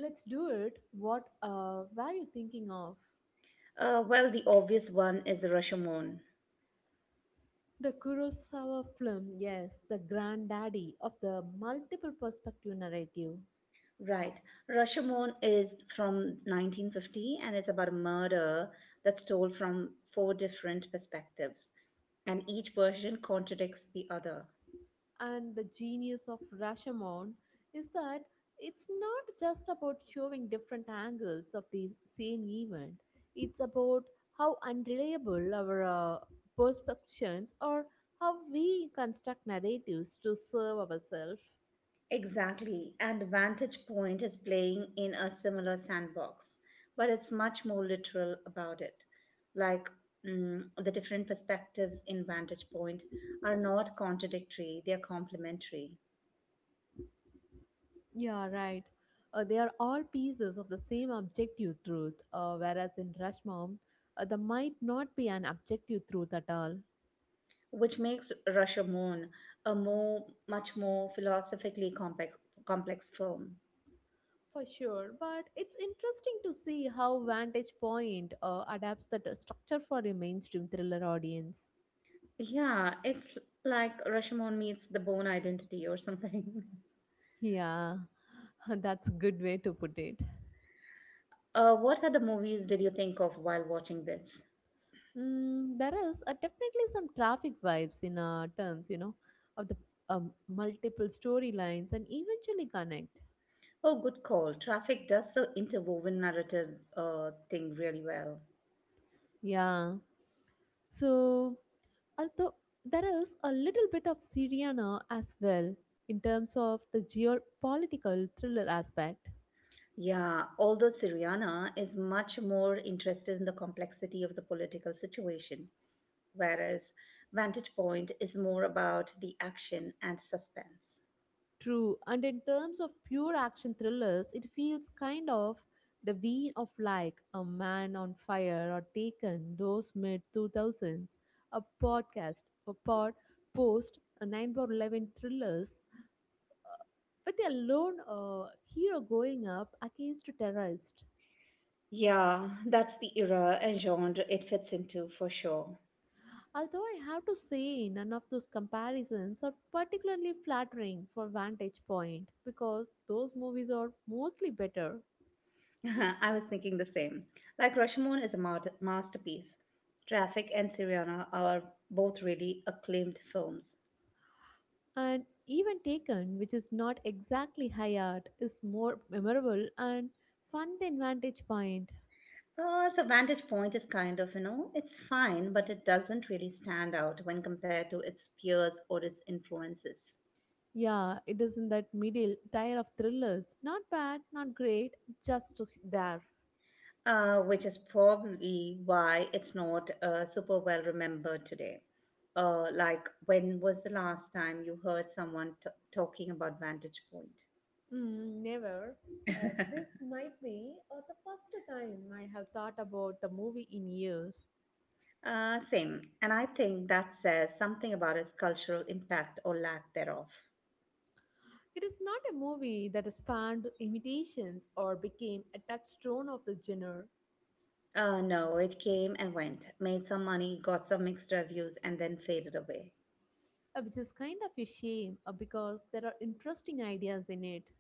let's do it. What were you thinking of?
Well, the obvious one is Rashomon.
The Kurosawa film, yes, the granddaddy of the multiple perspective narrative.
Right. Rashomon is from 1950 and it's about a murder that's told from four different perspectives and each version contradicts the other.
And the genius of Rashomon is that it's not just about showing different angles of the same event, it's about how unreliable our perceptions or how we construct narratives to serve ourselves.
Exactly, and Vantage Point is playing in a similar sandbox, but it's much more literal about it. Like the different perspectives in Vantage Point are not contradictory, they are complementary,
Yeah, right. They are all pieces of the same objective truth, whereas in Rashmam, there might not be an objective truth at all.
which makes Rashomon much more philosophically complex film.
For sure, but it's interesting to see how Vantage Point adapts the structure for a mainstream thriller audience.
Yeah, it's like Rashomon meets the Bone Identity or something.
Yeah, that's a good way to put it.
What other movies did you think of while watching this?
Mm, there is definitely some traffic vibes in terms, you know, of the multiple storylines and eventually connect.
Oh, good call. Traffic does the interwoven narrative thing really well.
Yeah. So, although there is a little bit of Syriana as well in terms of the geopolitical thriller aspect.
Yeah, although Syriana is much more interested in the complexity of the political situation, whereas Vantage Point is more about the action and suspense.
True, and in terms of pure action thrillers, it feels kind of the vein of like a man on fire or taken those mid 2000s, a podcast, a pod, post, a 9 or 11 thrillers with a lone hero going up against a terrorist.
Yeah, that's the era and genre it fits into for sure.
Although I have to say, none of those comparisons are particularly flattering for Vantage Point because those movies are mostly better.
I was thinking the same. Like Rashomon is a masterpiece. Traffic and Syriana are both really acclaimed films.
And even Taken, which is not exactly high art, is more memorable and fun than Vantage Point.
So Vantage Point is kind of, you know, it's fine, but it doesn't really stand out when compared to its peers or its influences,
Yeah, it is in that middle tier of thrillers. Not bad, not great, just there.
which is probably why it's not super well remembered today. Like, when was the last time you heard someone talking about Vantage Point?
Mm, never. This might be the first time I have thought about the movie in years.
Same. And I think that says something about its cultural impact or lack thereof.
It is not a movie that spanned imitations or became a touchstone of the genre,
No, it came and went, made some money, got some mixed reviews, and then faded away.
which is kind of a shame because there are interesting ideas in it.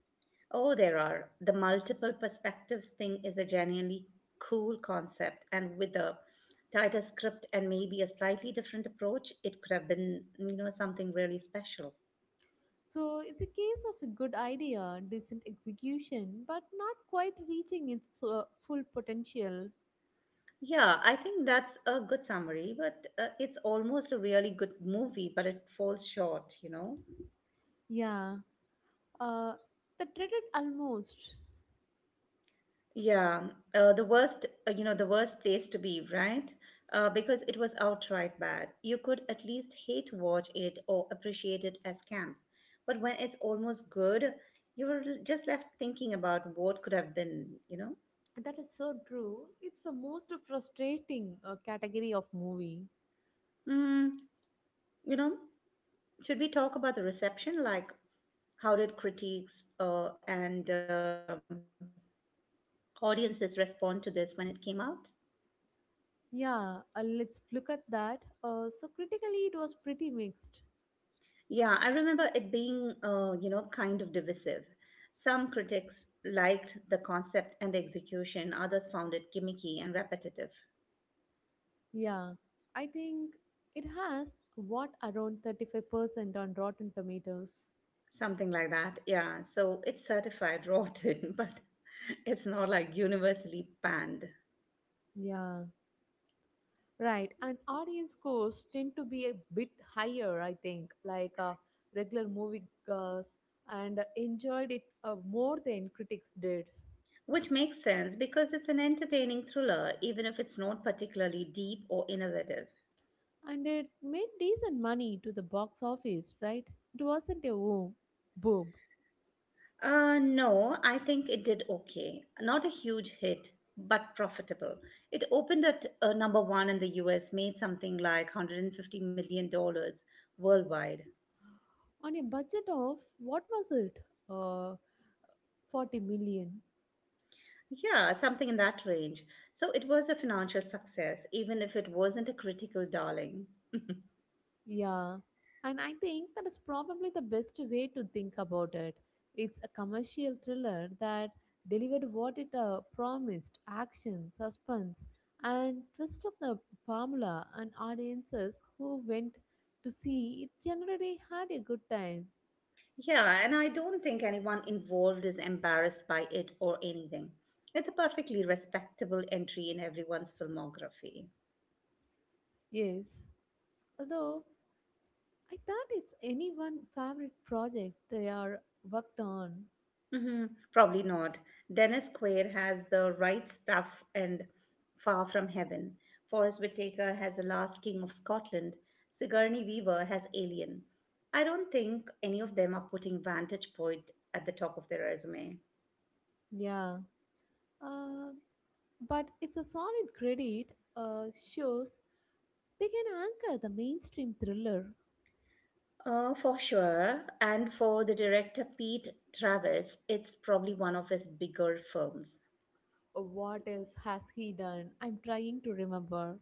Oh, there are. The multiple perspectives thing is a genuinely cool concept, and with a tighter script and maybe a slightly different approach, it could have been, you know, something really special.
So it's a case of a good idea, decent execution, but not quite reaching its full potential.
Yeah, I think that's a good summary, but it's almost a really good movie, but it falls short, you know?
Yeah, uh, the dreaded almost.
Yeah, the worst, the worst place to be, right? Because it was outright bad. You could at least hate watch it or appreciate it as camp. But when it's almost good, you were just left thinking about what could have been, you know?
That is so true. It's the most frustrating category of movie.
Mm, you know, should we talk about the reception? Like, how did critics and audiences respond to this when it came out?
Yeah, let's look at that. So critically, it was pretty mixed.
Yeah, I remember it being, kind of divisive. Some critics liked the concept and the execution, others found it gimmicky and repetitive,
Yeah, I think it has what around 35% on Rotten Tomatoes.
something like that. Yeah, so it's certified rotten, but it's not like universally panned.
Yeah, right. And audience scores tend to be a bit higher, I think, regular movie girls and enjoyed it more than critics did.
Which makes sense because it's an entertaining thriller, even if it's not particularly deep or innovative.
And it made decent money to the box office, right? It wasn't a boom. Boom.
No, I think it did okay. Not a huge hit, but profitable. It opened at number one in the US, made something like $150 million worldwide.
On a budget of what was it? Uh, 40 million.
Yeah, something in that range. So it was a financial success, even if it wasn't a critical darling.
Yeah, and I think that is probably the best way to think about it. It's a commercial thriller that delivered what it promised action, suspense, and twist of the formula, and audiences who went to see it generally had a good time.
Yeah, and I don't think anyone involved is embarrassed by it or anything. It's a perfectly respectable entry in everyone's filmography.
Yes, although I thought it's anyone' favorite project they are worked on.
hmm Probably not. Dennis Quaid has The Right Stuff and Far From Heaven. Forrest Whitaker has The Last King of Scotland. Sigourney Weaver has Alien. I don't think any of them are putting Vantage Point at the top of their resume.
Yeah, uh, but it's a solid credit, shows they can anchor the mainstream thriller.
For sure. And for the director Pete Travis, it's probably one of his bigger films.
Oh, what else has he done? I'm trying to remember.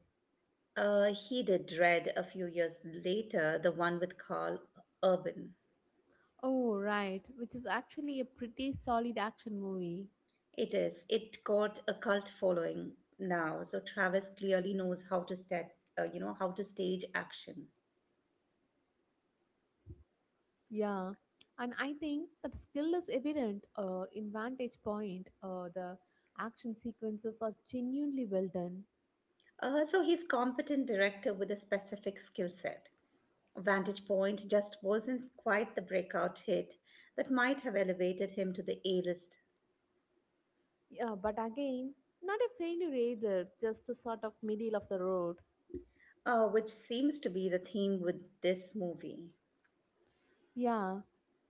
He did Dread a few years later, the one with Carl Urban.
Oh, right, which is actually a pretty solid action movie.
It is. It got a cult following now. So Travis clearly knows how to stat, you know, how to stage action.
Yeah, and I think that the skill is evident in Vantage Point. The action sequences are genuinely well done.
So he's competent director with a specific skill set. Vantage Point just wasn't quite the breakout hit that might have elevated him to the A-list,
Yeah, but again, not a failure either, just a sort of middle of the road.
which seems to be the theme with this movie.
Yeah,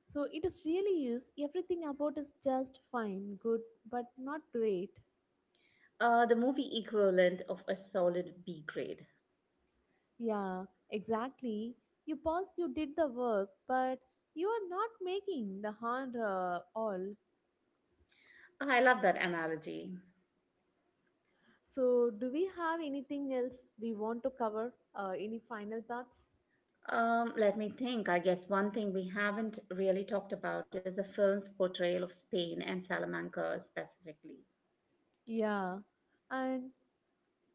so it is really is everything about is just fine, good, but not great.
The movie equivalent of a solid B grade.
Yeah, exactly. You pause, you did the work, but you are not making the hand all.
I love that analogy.
So, do we have anything else we want to cover? Any final thoughts?
Let me think. I guess one thing we haven't really talked about is the film's portrayal of Spain and Salamanca specifically.
Yeah, and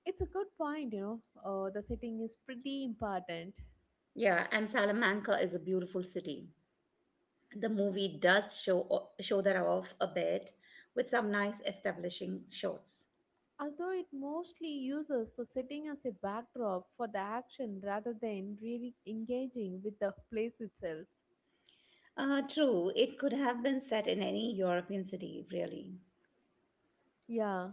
it's a good point, you know. The setting is pretty important.
Yeah, and Salamanca is a beautiful city. The movie does show that off a bit with some nice establishing shots.
Although it mostly uses the setting as a backdrop for the action rather than really engaging with the place itself.
True, it could have been set in any European city, really.
Yeah,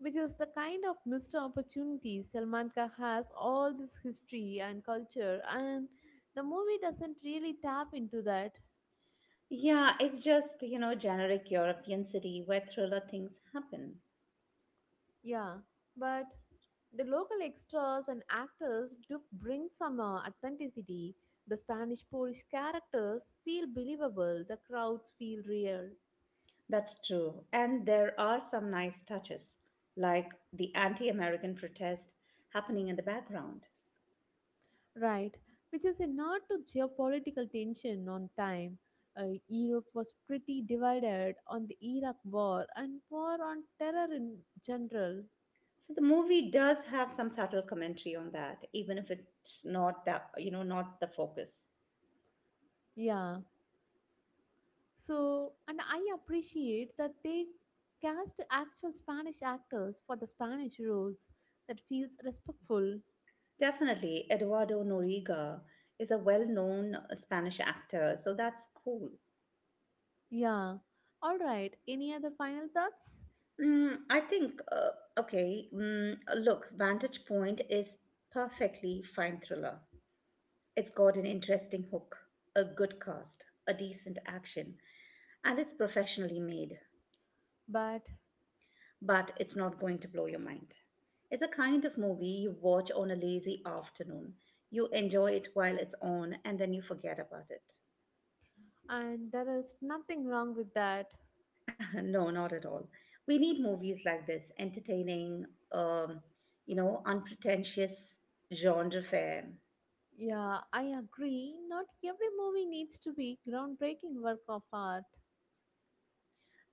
which is the kind of missed opportunity Salman Khan has all this history and culture, and the movie doesn't really tap into that.
Yeah, it's just, you know, generic European city where thriller things happen.
Yeah, but the local extras and actors do bring some authenticity. The Spanish Polish characters feel believable, the crowds feel real.
That's true. And there are some nice touches, like the anti American protest happening in the background.
Right, which is a nod to geopolitical tension on time. Europe was pretty divided on the Iraq war and war on terror in general.
So the movie does have some subtle commentary on that, even if it's not that, you know, not the focus.
Yeah, so and I appreciate that they cast actual Spanish actors for the Spanish roles that feels respectful.
Definitely, Eduardo Noriega is a well known Spanish actor, so that's cool.
Yeah, all right. Any other final thoughts?
I think, okay, look, Vantage Point is perfectly fine thriller. It's got an interesting hook, a good cast, a decent action, and it's professionally made,
But
but it's not going to blow your mind. It's a kind of movie you watch on a lazy afternoon. You enjoy it while it's on, and then you forget about it.
and there is nothing wrong with that.
No, not at all. We need movies like this, entertaining, um, unpretentious genre fare.
Yeah, I agree. Not every movie needs to be groundbreaking work of art.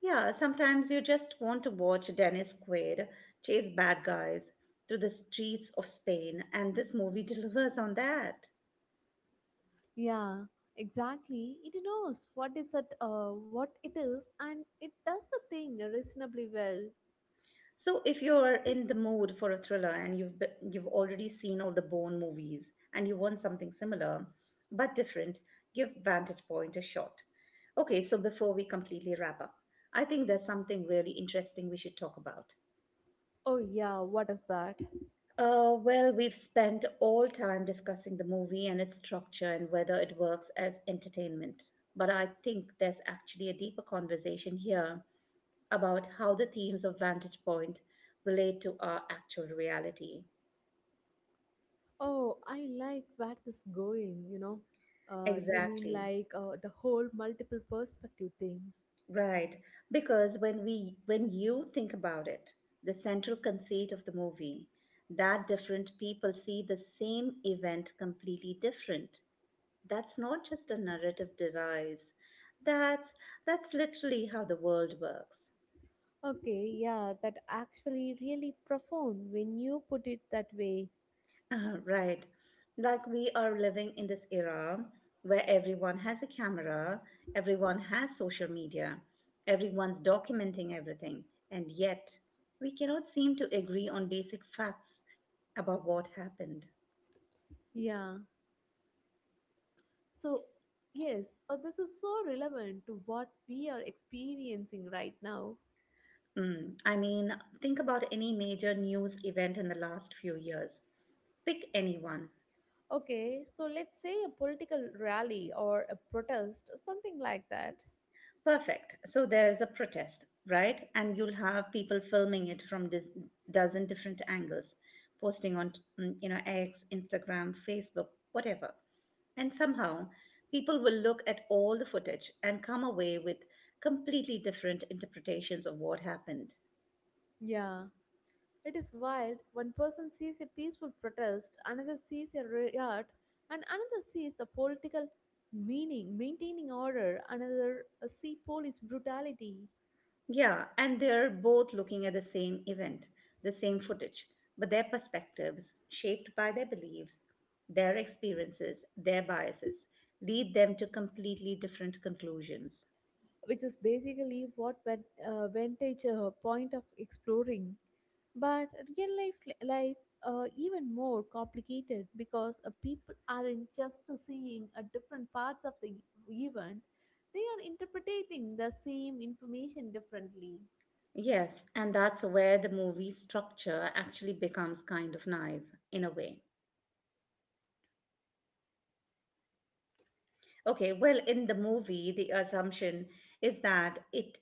Yeah, sometimes you just want to watch Dennis Quaid chase bad guys through the streets of Spain, and this movie delivers on that.
Yeah, exactly. It knows what is it, what it is, and it does the thing reasonably well.
So, if you're in the mood for a thriller and you've already seen all the Bourne movies and you want something similar but different, give Vantage Point a shot. Okay, so before we completely wrap up, I think there's something really interesting we should talk about.
Oh yeah, what is that?
Well, we've spent all time discussing the movie and its structure and whether it works as entertainment. But I think there's actually a deeper conversation here about how the themes of Vantage Point relate to our actual reality.
Oh, I like where this going. You know, you mean
Exactly.
the whole multiple perspective thing?
Right. Because when you think about it, the central conceit of the movie that different people see the same event completely different. That's not just a narrative device. That's that's literally how the world works.
Okay, yeah, that actually really profound when you put it that way.
Right. Like we are living in this era where everyone has a camera, everyone has social media, everyone's documenting everything, and yet we cannot seem to agree on basic facts about what happened.
Yeah, so, yes, this is so relevant to what we are experiencing right now.
I mean, think about any major news event in the last few years. Pick anyone.
Okay, so let's say a political rally or a protest, something like that.
Perfect. So there is a protest, right? And you'll have people filming it from dozen different angles, posting on, X, Instagram, Facebook, whatever. And somehow, people will look at all the footage and come away with completely different interpretations of what happened.
Yeah, it is wild. One person sees a peaceful protest, another sees a riot, and another sees a political meaning, maintaining order, another see police brutality.
Yeah, and they're both looking at the same event, the same footage, but their perspectives, shaped by their beliefs, their experiences, their biases, lead them to completely different conclusions.
Which is basically what vintage point of exploring. But real life even more complicated because people aren't just seeing different parts of the event; they are interpreting the same information differently.
Yes, and that's where the movie structure actually becomes kind of naive in a way. Okay, well, in the movie, the assumption is that it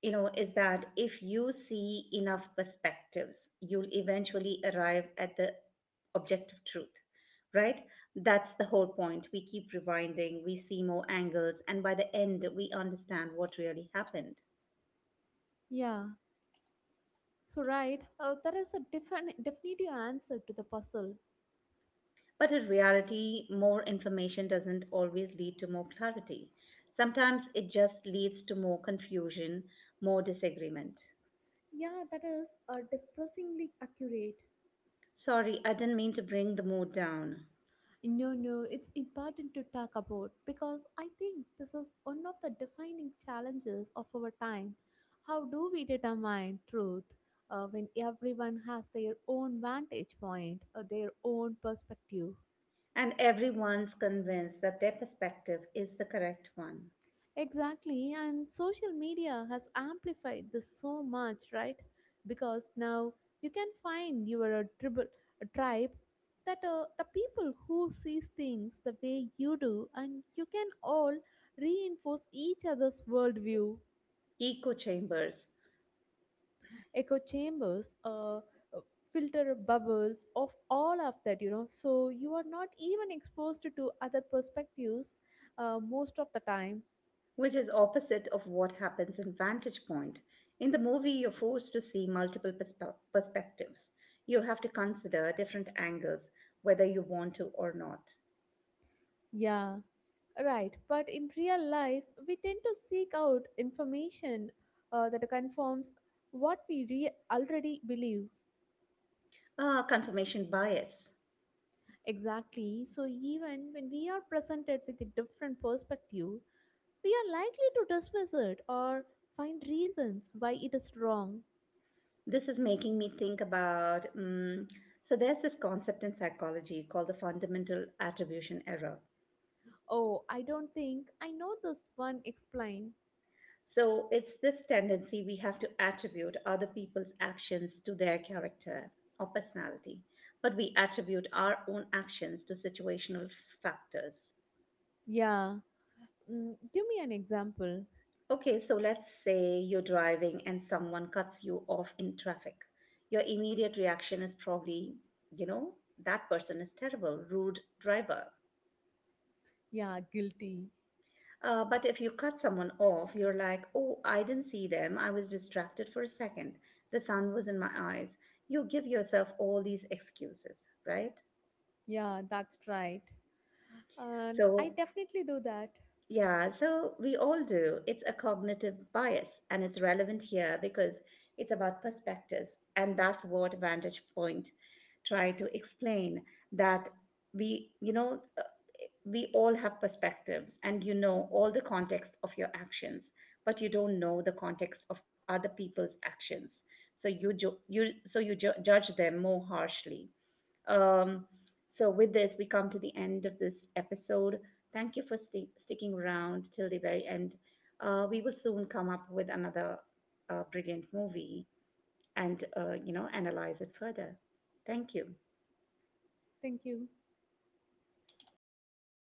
is that if you see enough perspectives, you'll eventually arrive at the objective truth, right? That's the whole point. We keep rewinding, we see more angles, and by the end we understand what really happened.
Yeah. So right, there is a different definitive answer to the puzzle.
But in reality, more information doesn't always lead to more clarity. Sometimes it just leads to more confusion, more disagreement.
Yeah, that is distressingly accurate.
Sorry, I didn't mean to bring the mood down.
No, no, it's important to talk about because I think this is one of the defining challenges of our time. How do we determine truth when everyone has their own vantage point or their own perspective?
And everyone's convinced that their perspective is the correct one.
Exactly, and social media has amplified this so much, right? Because now you can find your tribal a tribe that the people who sees things the way you do, and you can all reinforce each other's worldview.
Echo chambers,
Echo chambers, filter bubbles of all of that, you know. So you are not even exposed to other perspectives most of the time.
which is opposite of what happens in Vantage Point. In the movie, you're forced to see multiple perspectives. You have to consider different angles, whether you want to or not.
Yeah, right. But in real life, we tend to seek out information that confirms what already believe.
Confirmation bias.
Exactly. So, even when we are presented with a different perspective, we are likely to dismiss it or find reasons why it is wrong.
This is making me think about, so, there's this concept in psychology called the fundamental attribution error.
Oh, I don't think I know this one. Explain.
So it's this tendency we have to attribute other people's actions to their character or personality, but we attribute our own actions to situational factors.
Yeah. Mm, give me an example.
Okay, so let's say you're driving and someone cuts you off in traffic. Your immediate reaction is probably, you know, that person is terrible, rude driver.
Yeah, guilty.
But if you cut someone off, you're like, oh, I didn't see them. I was distracted for a second. The sun was in my eyes. You give yourself all these excuses, right?
Yeah, that's right. And I
So
definitely do that.
Yeah, so we all do. It's a cognitive bias, and it's relevant here because it's about perspectives. And that's what Vantage Point tried to explain that we, you know, uh, we all have perspectives and you know all the context of your actions, but you don't know the context of other people's actions. So you judge them more harshly. Um, so, with this, we come to the end of this episode. Thank you for sticking around till the very end. We will soon come up with another brilliant movie and, analyze it further. Thank you.
Thank you.